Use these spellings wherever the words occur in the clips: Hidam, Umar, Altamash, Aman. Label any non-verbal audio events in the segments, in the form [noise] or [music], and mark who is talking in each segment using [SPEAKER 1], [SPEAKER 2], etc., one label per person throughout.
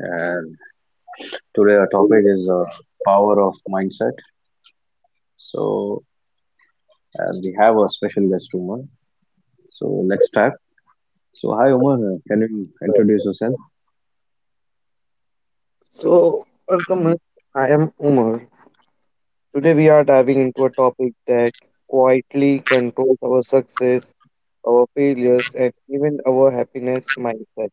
[SPEAKER 1] And today our topic is power of mindset. So, and we have a special guest, Umar. So, let's start. So, hi Umar. Can you introduce yourself?
[SPEAKER 2] So, welcome. I am Umar. Today we are diving into a topic that quietly controls our success, our failures, and even our happiness mindset.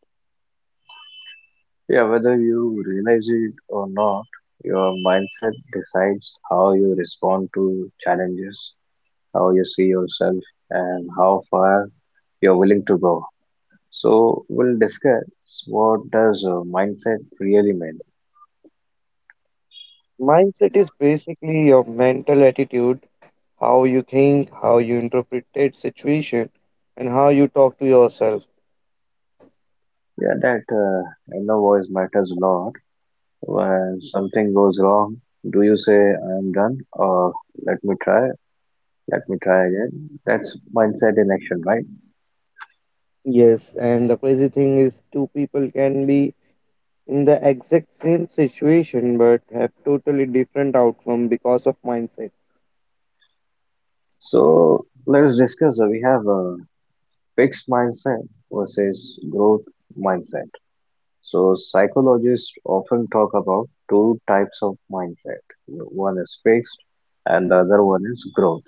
[SPEAKER 1] Yeah, whether you realize it or not, your mindset decides how you respond to challenges, how you see yourself, and how far you're willing to go. So, we'll discuss what does mindset really mean.
[SPEAKER 2] Mindset is basically your mental attitude, how you think, how you interpret situation, and how you talk to yourself.
[SPEAKER 1] Yeah, that inner voice matters a lot. When something goes wrong, do you say I am done or let me try, let me try again? That's mindset in action, right?
[SPEAKER 2] Yes, and the crazy thing is two people can be in the exact same situation but have totally different outcome because of mindset.
[SPEAKER 1] So let's discuss. We have a fixed mindset versus growth mindset. So psychologists often talk about two types of mindset. One is fixed and the other one is growth.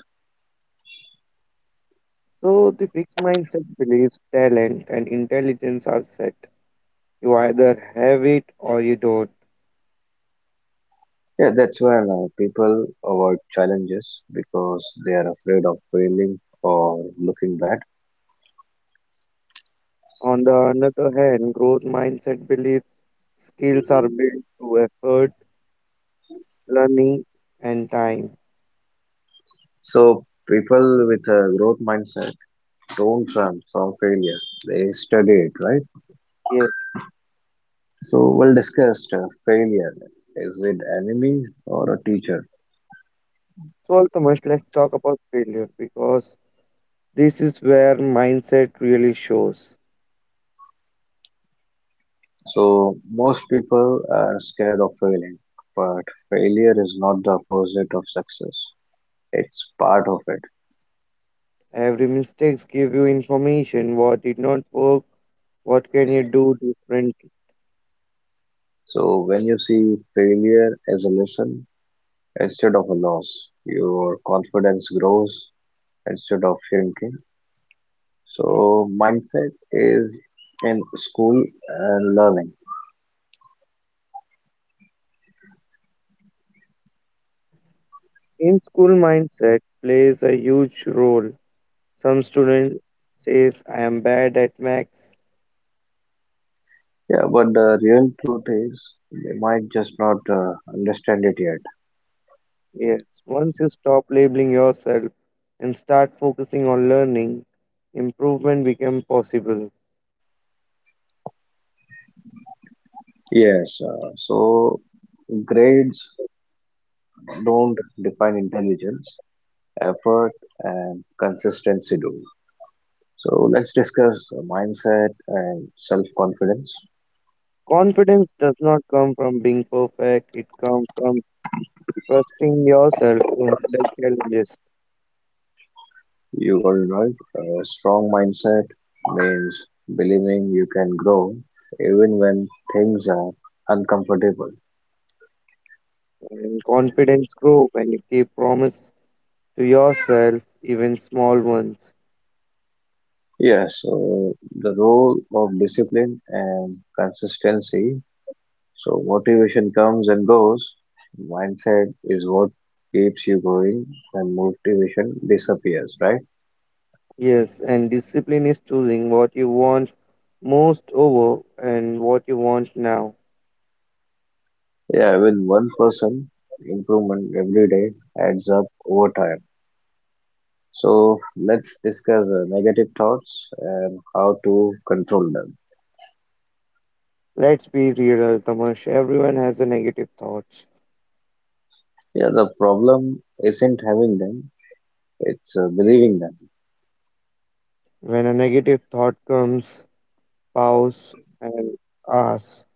[SPEAKER 2] So the fixed mindset believes talent and intelligence are set. You either have it or you don't.
[SPEAKER 1] Yeah, that's where now people avoid challenges because they are afraid of failing or looking bad.
[SPEAKER 2] On the other hand, growth mindset believes skills are built through effort, learning, and time.
[SPEAKER 1] So people with a growth mindset don't run from failure. They study it, right?
[SPEAKER 2] Yes.
[SPEAKER 1] So we'll discuss failure. Is it enemy or a teacher?
[SPEAKER 2] So Altamush, let's talk about failure because this is where mindset really shows.
[SPEAKER 1] So most people are scared of failing, but failure is not the opposite of success. It's part of it.
[SPEAKER 2] Every mistakes give you information. What did not work? What can you do differently?
[SPEAKER 1] So when you see failure as a lesson instead of a loss, your confidence grows instead of shrinking. So, mindset is in school and learning.
[SPEAKER 2] In school, mindset plays a huge role. Some student says I am bad at maths.
[SPEAKER 1] Yeah, but the real truth is they might just not understand it yet.
[SPEAKER 2] Yes, once you stop labeling yourself and start focusing on learning, improvement becomes possible.
[SPEAKER 1] Yes, so grades don't define intelligence, effort, and consistency do. So let's discuss mindset and self confidence.
[SPEAKER 2] Confidence does not come from being perfect, it comes from trusting yourself to handle challenges.
[SPEAKER 1] You are right. A strong mindset means believing you can grow even when things are uncomfortable.
[SPEAKER 2] And confidence grows when you keep promise to yourself, even small ones.
[SPEAKER 1] Yes, so the role of discipline and consistency. So motivation comes and goes. Mindset is what keeps you going and motivation disappears, right?
[SPEAKER 2] Yes, and discipline is choosing what you want most over and what you want now.
[SPEAKER 1] Yeah, with one person improvement every day adds up over time. So let's discuss negative thoughts and how to control them.
[SPEAKER 2] Let's be real, Tamash. Everyone has a negative thoughts.
[SPEAKER 1] Yeah, the problem isn't having them, it's believing them.
[SPEAKER 2] When a negative thought comes, pause and ask,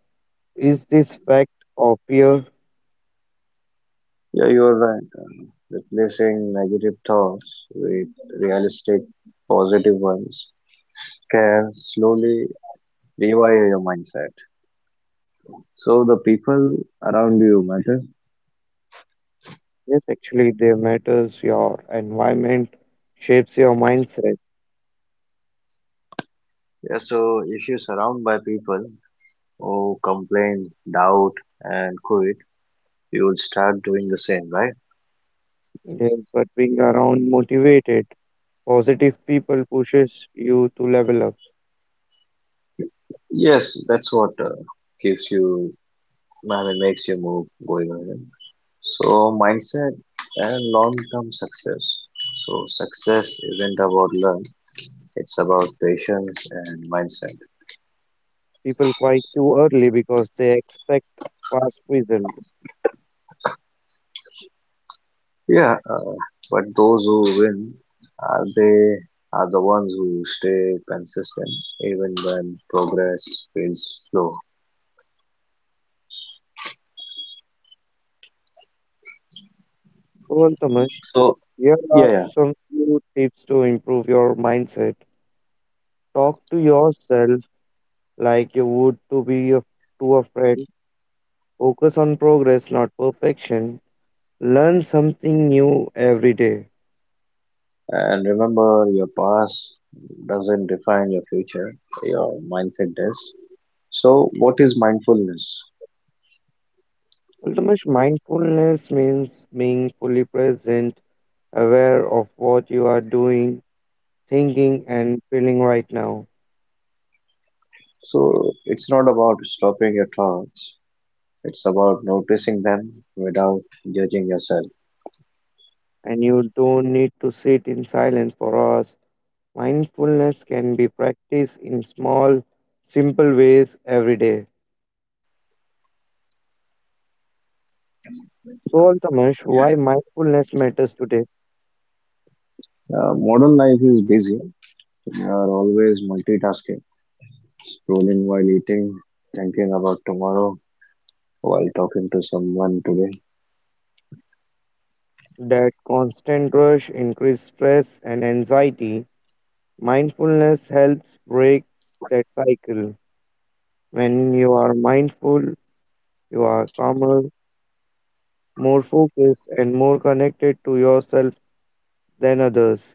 [SPEAKER 2] is this fact or fear?
[SPEAKER 1] Yeah, you're right. Replacing negative thoughts with realistic positive ones can slowly rewire your mindset. So the people around you matter.
[SPEAKER 2] Yes, actually, they matters. Your environment shapes your mindset.
[SPEAKER 1] Yeah, so if you surround by people who complain, doubt, and quit, you will start doing the same, right?
[SPEAKER 2] Yes, but being around motivated, positive people pushes you to level up.
[SPEAKER 1] Yes, that's what gives you, I mean, makes you move going ahead. So, mindset and long-term success. So, success isn't about luck; it's about patience and mindset.
[SPEAKER 2] People quite too early because they expect fast result.
[SPEAKER 1] Yeah, but those who win are they are the ones who stay consistent even when progress feels slow.
[SPEAKER 2] So, well, Tamash,
[SPEAKER 1] So,
[SPEAKER 2] here
[SPEAKER 1] yeah,
[SPEAKER 2] are
[SPEAKER 1] yeah,
[SPEAKER 2] some few tips to improve your mindset. Talk to yourself like you would to a friend. Focus on progress, not perfection. Learn something new every day.
[SPEAKER 1] and remember, your past doesn't define your future; your mindset does. So, what is mindfulness?
[SPEAKER 2] Ultimate mindfulness means being fully present, aware of what you are doing, thinking, and feeling right now.
[SPEAKER 1] So, it's not about stopping your thoughts, it's about noticing them without judging yourself.
[SPEAKER 2] And you don't need to sit in silence for hours. Mindfulness can be practiced in small, simple ways every day. So, Altamash, why mindfulness matters today?
[SPEAKER 1] Modern life is busy, we are always multitasking, scrolling while eating, thinking about tomorrow while talking to someone today.
[SPEAKER 2] That constant rush increases stress and anxiety. Mindfulness helps break that cycle. When you are mindful, you are calmer, more focused, and more connected to yourself than others.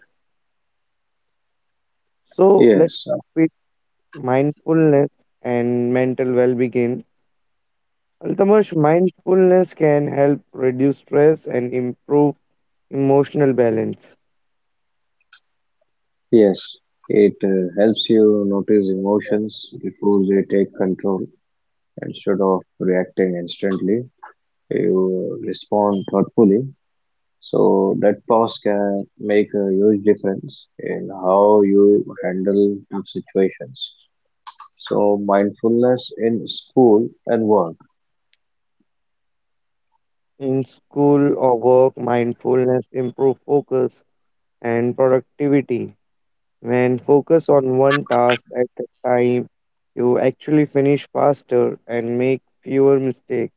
[SPEAKER 2] So, let's
[SPEAKER 1] Yes, uh,
[SPEAKER 2] start with mindfulness and mental well being. Altamash, mindfulness can help reduce stress and improve emotional balance.
[SPEAKER 1] yes, it helps you notice emotions before they take control instead of reacting instantly. You respond thoughtfully. So that pause can make a huge difference in how you handle tough situations. So mindfulness in school and work.
[SPEAKER 2] In school or work, mindfulness improves focus and productivity. When focus on one task at a time, you actually finish faster and make fewer mistakes.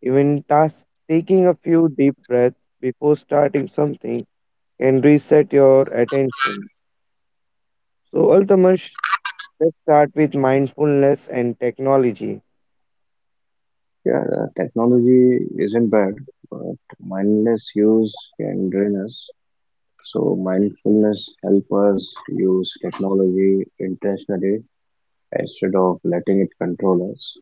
[SPEAKER 2] Even task taking a few deep breaths before starting something can reset your attention. So, Altamash, let's start with mindfulness and technology.
[SPEAKER 1] Yeah, technology isn't bad, but mindless use can drain us. So mindfulness help us use technology intentionally instead of letting it control us.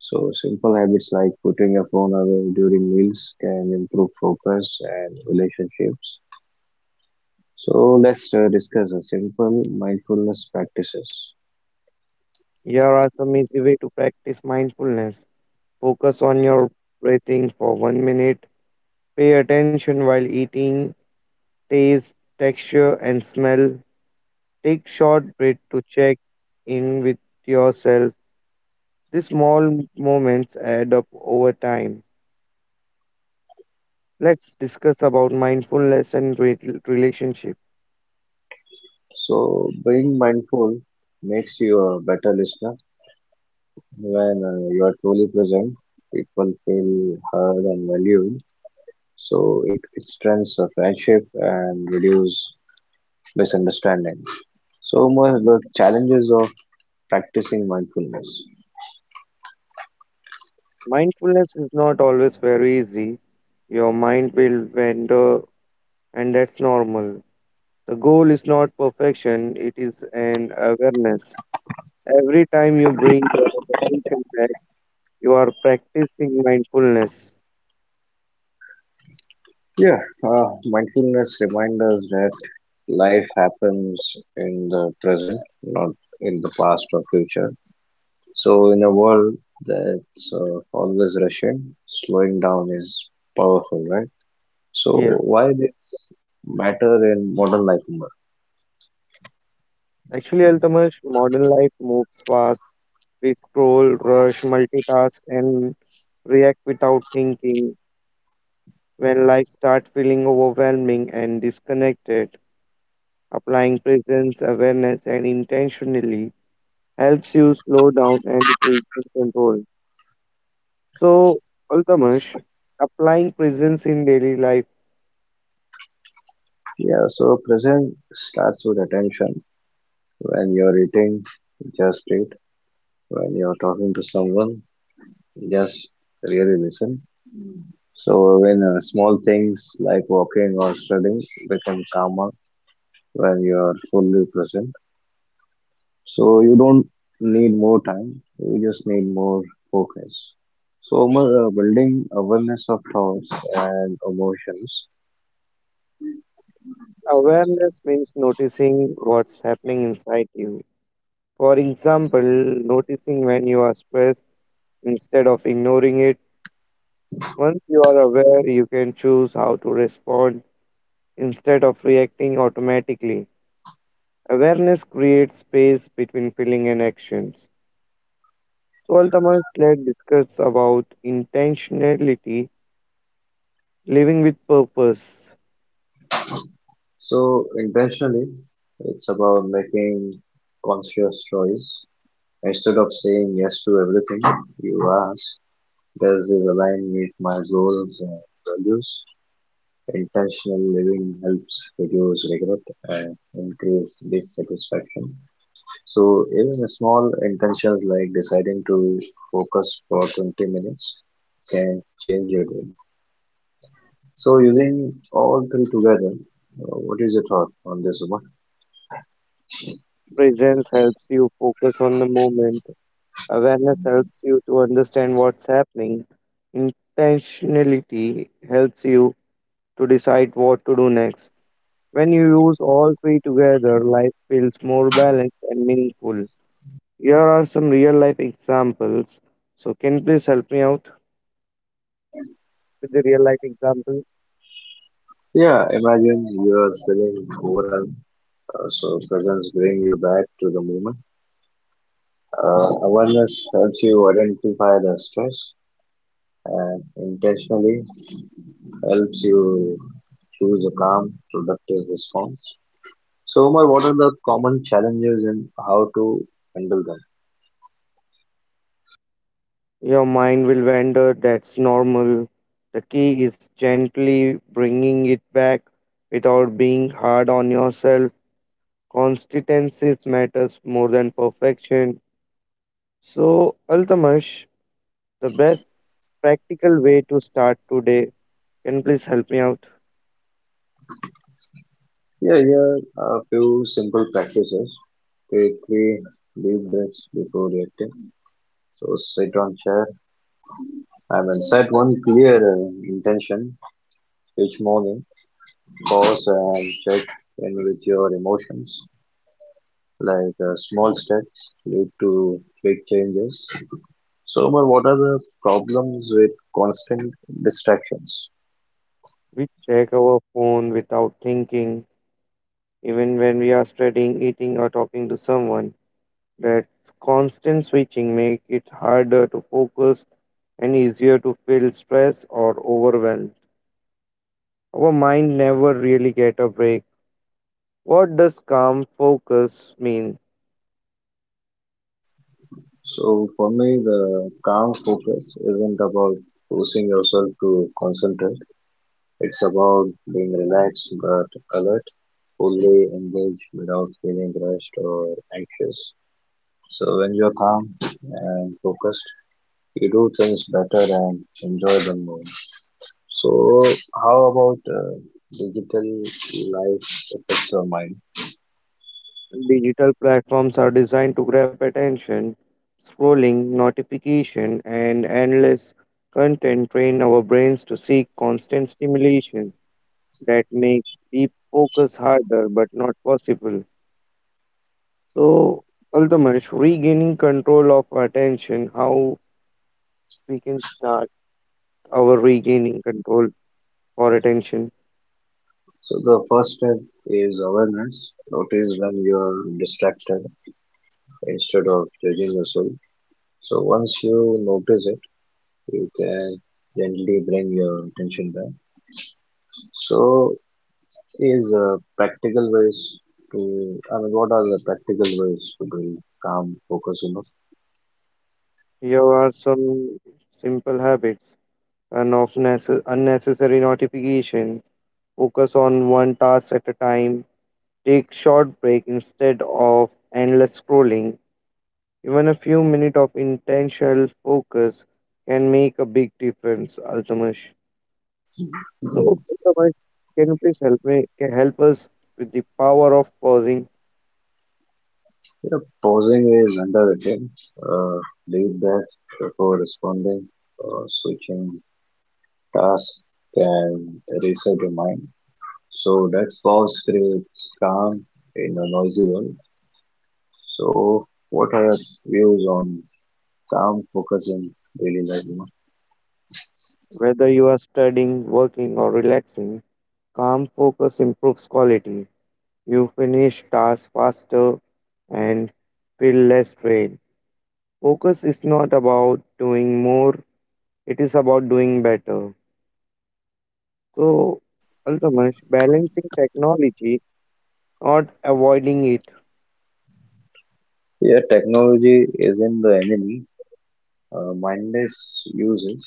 [SPEAKER 1] So simple habits like putting your phone away during meals can improve focus and relationships. So let's discuss a simple mindfulness practices.
[SPEAKER 2] Here are some easy way to practice mindfulness. Focus on your breathing for 1 minute. Pay attention while eating, taste, texture, and smell. Take short break to check in with yourself. These small moments add up over time. Let's discuss about mindfulness and relationship.
[SPEAKER 1] So being mindful makes you a better listener. When you are truly present, people feel heard and valued. So it strengthens the friendship and reduce misunderstanding. So much the challenges of practicing mindfulness.
[SPEAKER 2] Mindfulness is not always very easy. Your mind will wander and that's normal. The goal is not perfection, it is an awareness. Every time you bring your attention back, you are practicing mindfulness.
[SPEAKER 1] Yeah, mindfulness reminds us that life happens in the present, not in the past or future. So in a world that's always rushing, slowing down is powerful, right? So
[SPEAKER 2] Yes,
[SPEAKER 1] why did matter in modern life more?
[SPEAKER 2] actually, Altamash, modern life moves fast. We scroll, rush, multitask, and react without thinking. When life starts feeling overwhelming and disconnected, applying presence, awareness, and intentionally helps you slow down and regain control. So, Altamash, applying presence in daily life,
[SPEAKER 1] Yeah, so present starts with attention. When you're eating, just eat. When you're talking to someone, just really listen. So when small things like walking or studying become calmer when you're fully present. So you don't need more time, you just need more focus. So Umar, building awareness of thoughts and emotions.
[SPEAKER 2] awareness means noticing what's happening inside you. For example, noticing when you are stressed instead of ignoring it. Once you are aware, you can choose how to respond instead of reacting automatically. Awareness creates space between feeling and actions. So, ultimately, let's discuss about intentionality, living with purpose.
[SPEAKER 1] So intentionally, it's about making conscious choice. Instead of saying yes to everything, you ask, does this align with my goals and values? Intentional living helps reduce regret and increase dissatisfaction. So even small intentions like deciding to focus for 20 minutes can change your day. So using all three together, what is your thought on this one?
[SPEAKER 2] Presence helps you focus on the moment. Awareness helps you to understand what's happening. Intentionality helps you to decide what to do next. When you use all three together, life feels more balanced and meaningful. Here are some real life examples. So, can you please help me out with the real life example?
[SPEAKER 1] Yeah, imagine you are feeling overwhelmed, so presence bring you back to the moment. Awareness helps you identify the stress and intentionally helps you choose a calm, productive response. So, Omar, what are the common challenges and how to handle them?
[SPEAKER 2] Your mind will wander, that's normal. The key is gently bringing it back without being hard on yourself. Consistency matters more than perfection. So, Altamash, the best practical way to start today, can you please help me out?
[SPEAKER 1] Yeah, here are a few simple practices. Take three deep breaths before reacting. So, sit on chair I mean, set one clear intention each morning. Pause and check in with your emotions. Like small steps lead to big changes. So, Omar, what are the problems with constant distractions?
[SPEAKER 2] We check our phone without thinking, even when we are studying, eating, or talking to someone. That constant switching make it harder to focus and easier to feel stressed or overwhelmed. Our mind never really get a break. What does calm focus mean?
[SPEAKER 1] So for me, the calm focus isn't about forcing yourself to concentrate. It's about being relaxed but alert, fully engaged without feeling rushed or anxious. So when you're calm and focused, you do things better and enjoy them more. So how about digital life affects your mind?
[SPEAKER 2] Digital platforms are designed to grab attention. Scrolling, notification, and endless content train our brains to seek constant stimulation. That makes deep focus harder but not possible. So, Altamesh, regaining control of attention, how we can start our regaining control for attention.
[SPEAKER 1] So the first step is awareness. Notice when you're distracted instead of judging yourself. So once you notice it, you can gently bring your attention back. So is practical ways to, I mean, what are the practical ways to build calm focus enough?
[SPEAKER 2] Here are some simple habits and of unnecessary notification, focus on one task at a time, take short break instead of endless scrolling. Even a few minutes of intentional focus can make a big difference, Altamesh. So,
[SPEAKER 1] You
[SPEAKER 2] Otherwise, can you please help me, can help us with the power of pausing?
[SPEAKER 1] know, pausing is underrated. Uh, Deep breath before responding or switching tasks can reset your mind. So that pause creates calm in a noisy world. So what are your views on calm focus in daily life?
[SPEAKER 2] Whether you are studying, working, or relaxing, calm focus improves quality. You finish tasks faster and feel less strained. Focus is not about doing more, it is about doing better. So, Altamash, balancing technology, not avoiding it.
[SPEAKER 1] Yeah, technology isn't the enemy, mindless uses.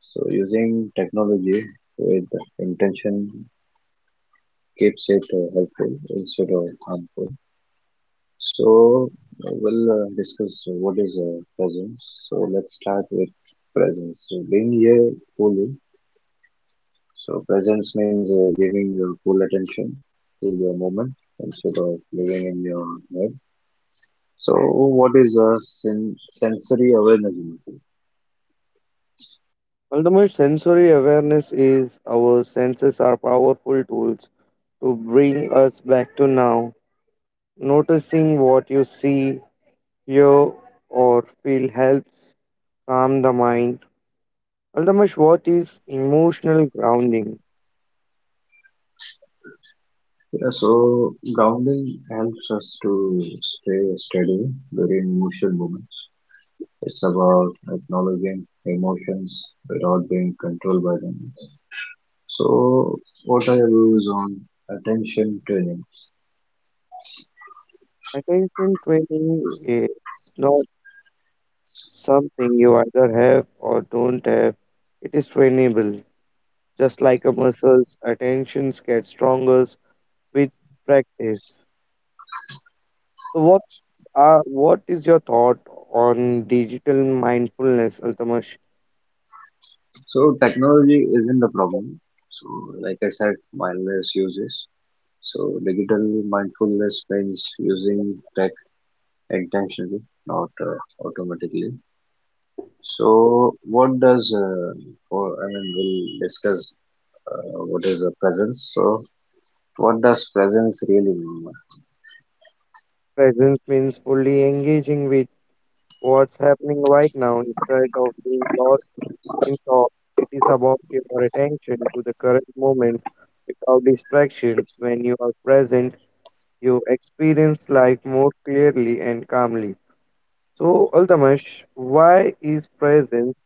[SPEAKER 1] So using technology with intention keeps it helpful instead of harmful. So we'll discuss what is presence. So let's start with presence. So being here fully. So presence means giving your full attention to the moment instead of living in your head. So, what is a sensory awareness? Murthy?
[SPEAKER 2] Altamash, sensory awareness is our senses are powerful tools to bring us back to now. Noticing what you see, hear, or feel helps calm the mind. Altamash, what is emotional grounding?
[SPEAKER 1] Yeah, so grounding helps us to stay steady during emotional moments. It's about acknowledging emotions without being controlled by them. So, what are your views on attention training?
[SPEAKER 2] Attention training is not something you either have or don't have. It is trainable. Just like a muscle's attentions get stronger with practice. So what is your thought on digital mindfulness, Altamash?
[SPEAKER 1] So, technology isn't the problem. So, like I said, mindless uses. So, digital mindfulness means using tech intentionally, not automatically. So, what does for I mean, we'll discuss what is a presence. So, what does presence really mean?
[SPEAKER 2] Presence means fully engaging with what's happening right now instead of being lost in thought. It is about your attention to the current moment without distractions. When you are present, you experience life more clearly and calmly. So, Altamash, why is presence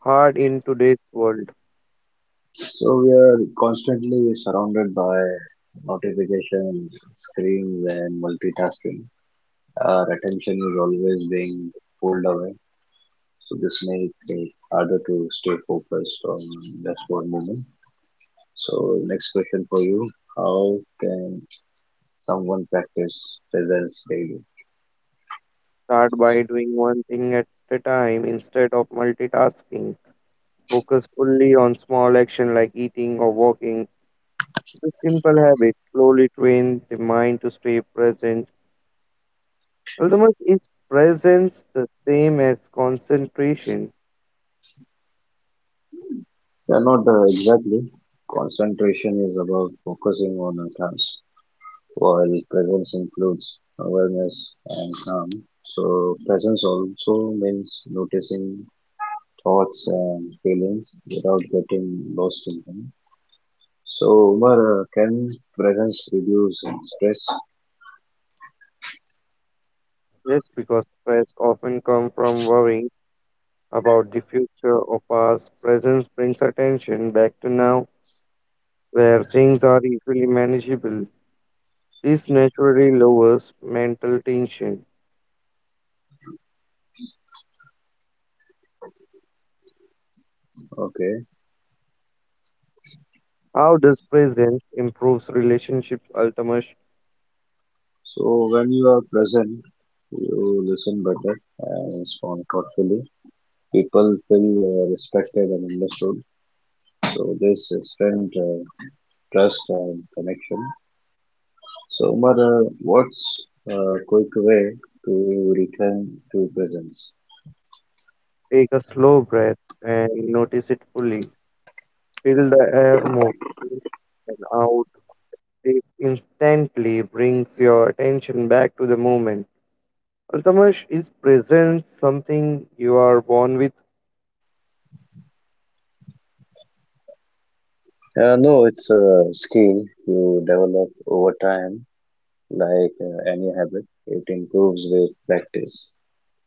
[SPEAKER 2] hard in today's world?
[SPEAKER 1] So, we are constantly surrounded by notifications, screens, and multitasking. Our attention is always being pulled away, so this makes it harder to stay focused on just one moment. So, next question for you: how can someone practice presence daily?
[SPEAKER 2] Start by doing one thing at a time instead of multitasking. Focus fully on small action like eating or walking. The simple habit slowly trains the mind to stay present. Ultimately, is presence the same as concentration?
[SPEAKER 1] Yeah, not exactly. Concentration is about focusing on a task, while presence includes awareness and calm. So, presence also means noticing thoughts and feelings without getting lost in them. So, Umar, can presence reduce stress?
[SPEAKER 2] Yes, because stress often comes from worrying about the future or past. Presence brings attention back to now, where things are easily manageable. This naturally lowers mental tension.
[SPEAKER 1] Okay.
[SPEAKER 2] How does presence improves relationships? Ultimately,
[SPEAKER 1] So, when you are present, you listen better and respond thoughtfully. People feel respected and understood. So, this strength trust and connection. So, Mother, what's a quick way to return to presence?
[SPEAKER 2] take a slow breath and notice it fully. Feel the air move in and out. This instantly brings your attention back to the moment. Altamash, is presence something you are born with?
[SPEAKER 1] No, it's a skill you develop over time, like any habit. It improves with practice.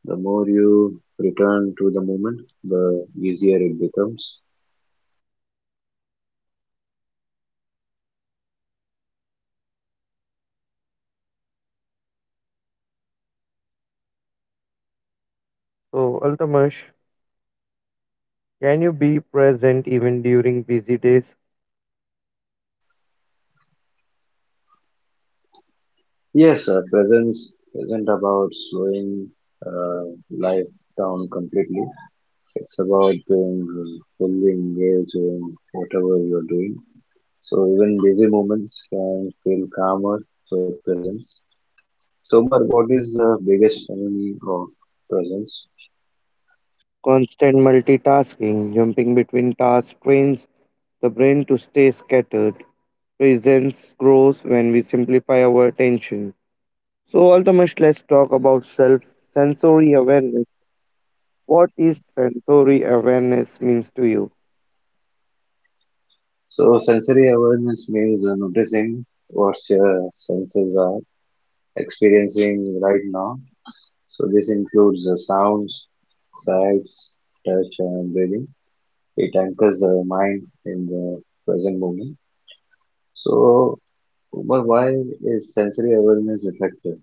[SPEAKER 1] The more you return to the moment, the easier it becomes.
[SPEAKER 2] So, Altamash, can you be present even during busy days?
[SPEAKER 1] Yes, presence isn't about slowing uh, life down completely. It's about being fully engaged in whatever you're doing. So even busy moments can feel calmer with presence. So, Umar, what is the biggest enemy of presence?
[SPEAKER 2] Constant multitasking, jumping between tasks trains the brain to stay scattered. Presence grows when we simplify our attention. So, Altamash, let's talk about self sensory awareness. What is sensory awareness means to you?
[SPEAKER 1] So, sensory awareness means noticing what your senses are experiencing right now. So, this includes the sounds, sights, touch, and breathing. It anchors the mind in the present moment. So, Umar, why is sensory awareness effective?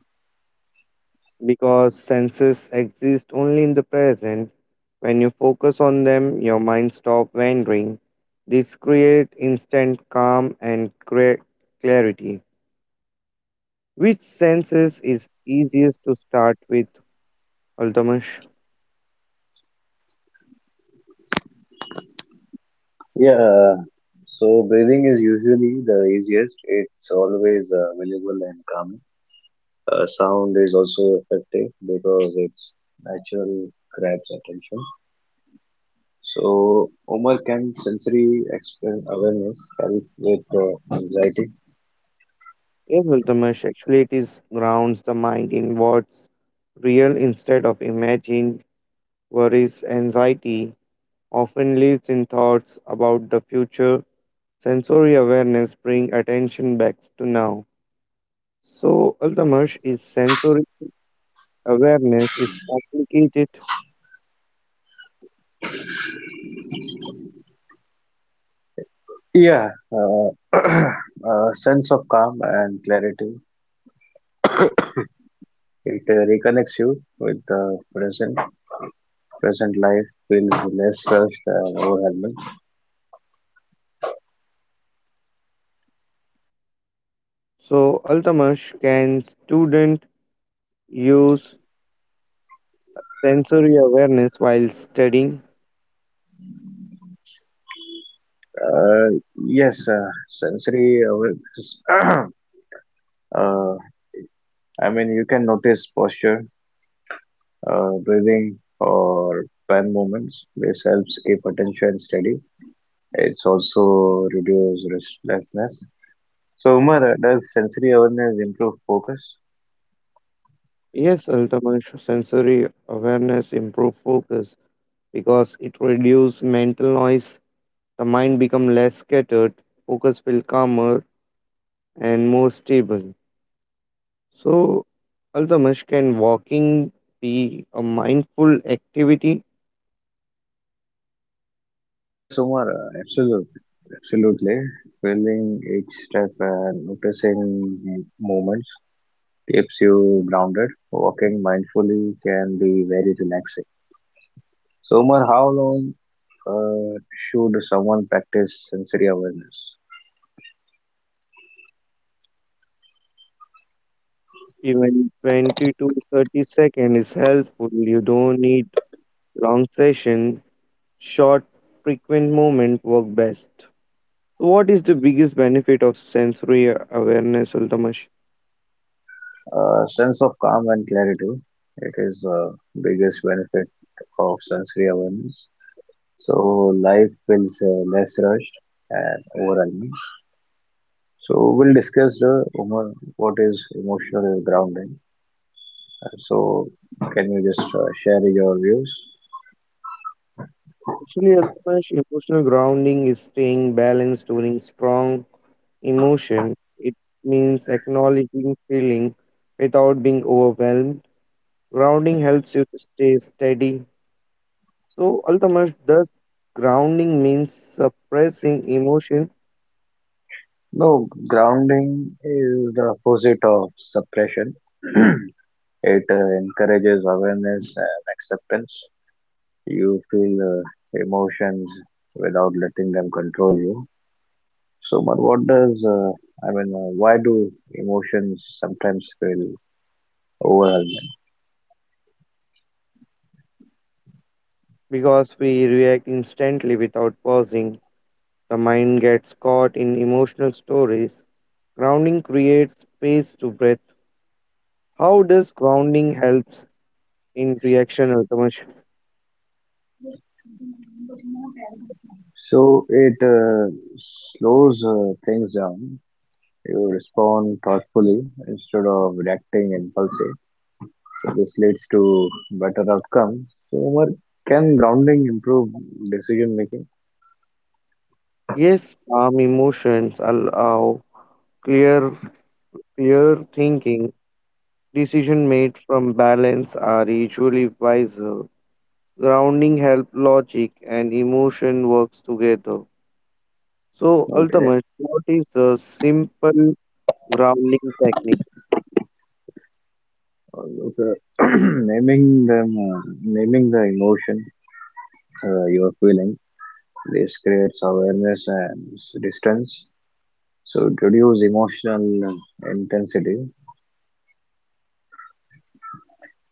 [SPEAKER 2] Because senses exist only in the present. When you focus on them, your mind stops wandering. This creates instant calm and clarity. Which senses is easiest to start with, Ultimash?
[SPEAKER 1] Yeah, so breathing is usually the easiest. It's always available and calming. Sound is also effective because it's natural, grabs attention. So, Omar, can sensory awareness help with anxiety?
[SPEAKER 2] Yes, Ultimash. Actually, it is grounds the mind in what's real instead of imagined. Worries, anxiety often lives in thoughts about the future. Sensory awareness bring attention back to now. So Altamash is sensory awareness is complicated.
[SPEAKER 1] Yeah, [clears throat] a sense of calm and clarity. It reconnects you with the present. Present life feels less rushed and overwhelming.
[SPEAKER 2] So Altamash can student use sensory awareness while studying?
[SPEAKER 1] Uh, yes, sensory awareness. [clears throat] uh, I mean, you can notice posture, breathing, or pan movements. This helps keep attention steady. It's also reduce restlessness. So, Umar, does sensory awareness improve focus?
[SPEAKER 2] Yes, Altamash sensory awareness improve focus because it reduce mental noise. The mind become less scattered, focus feel calmer and more stable. So, Aldamish, can walking be a mindful activity?
[SPEAKER 1] Yes, Umar, absolutely. Absolutely. Feeling each step and noticing movements keeps you grounded. Walking mindfully can be very relaxing. So, Umar, how long uh, should someone practice sensory awareness?
[SPEAKER 2] Even 20 to 30 seconds is helpful. You don't need long session. Short, frequent movement work best. So what is the biggest benefit of sensory awareness, Aldamish?
[SPEAKER 1] Sense of calm and clarity. It is biggest benefit of sensory awareness. So life feels less rushed and overwhelming. So we'll discuss the Umar, what is emotional grounding. So can you just share your views?
[SPEAKER 2] Actually, Altamash, emotional grounding is staying balanced during strong emotion. It means acknowledging feeling without being overwhelmed. Grounding helps you to stay steady. So, ultimately, thus grounding means suppressing emotion
[SPEAKER 1] No, grounding is the opposite of suppression. [clears throat] It encourages awareness and acceptance. You feel emotions without letting them control you. So, but what does why do emotions sometimes feel overwhelming?
[SPEAKER 2] because we react instantly without pausing. The mind gets caught in emotional stories. Grounding creates space to breathe. How does grounding helps in reaction, Altamash?
[SPEAKER 1] So it slows things down. You respond thoughtfully instead of reacting impulsively. So this leads to better outcomes. So, Umar, can grounding improve decision making?
[SPEAKER 2] Yes, calm emotions allow clear, clear thinking. Decision made from balance are usually wiser. Grounding help logic and emotion works together. So
[SPEAKER 1] Okay.
[SPEAKER 2] ultimately what is the simple grounding technique?
[SPEAKER 1] Okay. [clears throat] Naming the emotion you are feeling, this creates awareness and distance. So it reduce emotional intensity.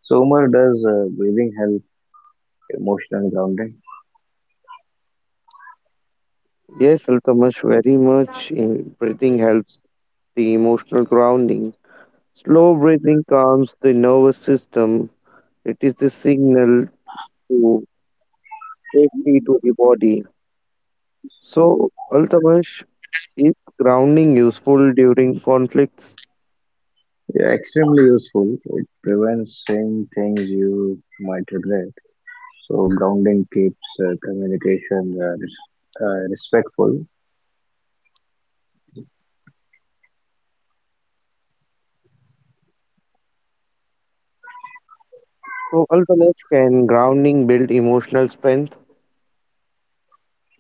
[SPEAKER 1] So Umar, does breathing help emotional grounding?
[SPEAKER 2] Yes ultimately very much, breathing helps the emotional grounding. Slow breathing calms the nervous system. It is the signal to safety to the body. So ultimately is grounding useful during conflicts?
[SPEAKER 1] Yeah, extremely useful. It prevents saying things you might regret. So grounding keeps communication respectful.
[SPEAKER 2] So ultimately can grounding build emotional strength?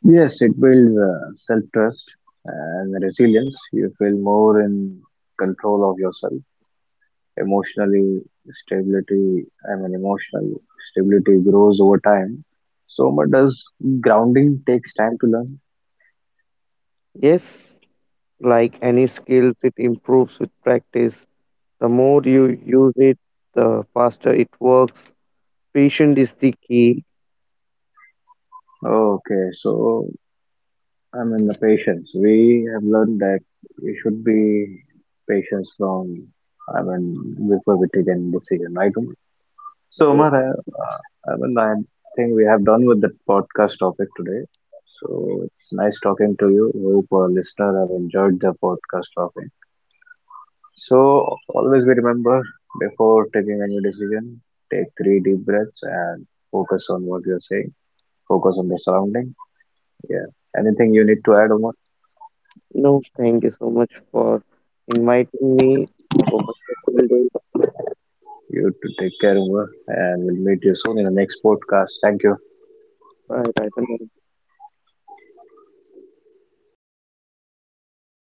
[SPEAKER 1] Yes, it builds self trust and resilience. You feel more in control of yourself. Emotionally, stability, I mean, emotional stability grows over time. So, but does grounding takes time to learn?
[SPEAKER 2] Yes. Like any skills, it improves with practice. The more you use it, the faster it works. Patient is the key.
[SPEAKER 1] Okay, so I mean, the patience. We have learned that we should be patience I mean, before we take any decision, right? So,
[SPEAKER 2] Yes.
[SPEAKER 1] Omar, I think we have done with the podcast topic today. So, it's nice talking to you. Hope our listener have enjoyed the podcast topic. So, always be remember before taking any decision, take three deep breaths and focus on what you're saying. Focus on the surrounding. Yeah. Anything you need to add, Omar?
[SPEAKER 2] No, thank you so much for inviting me. Have a wonderful day.
[SPEAKER 1] You to take care, Omar, and we'll meet you soon in the next podcast. Thank you.
[SPEAKER 2] Bye bye. Bye.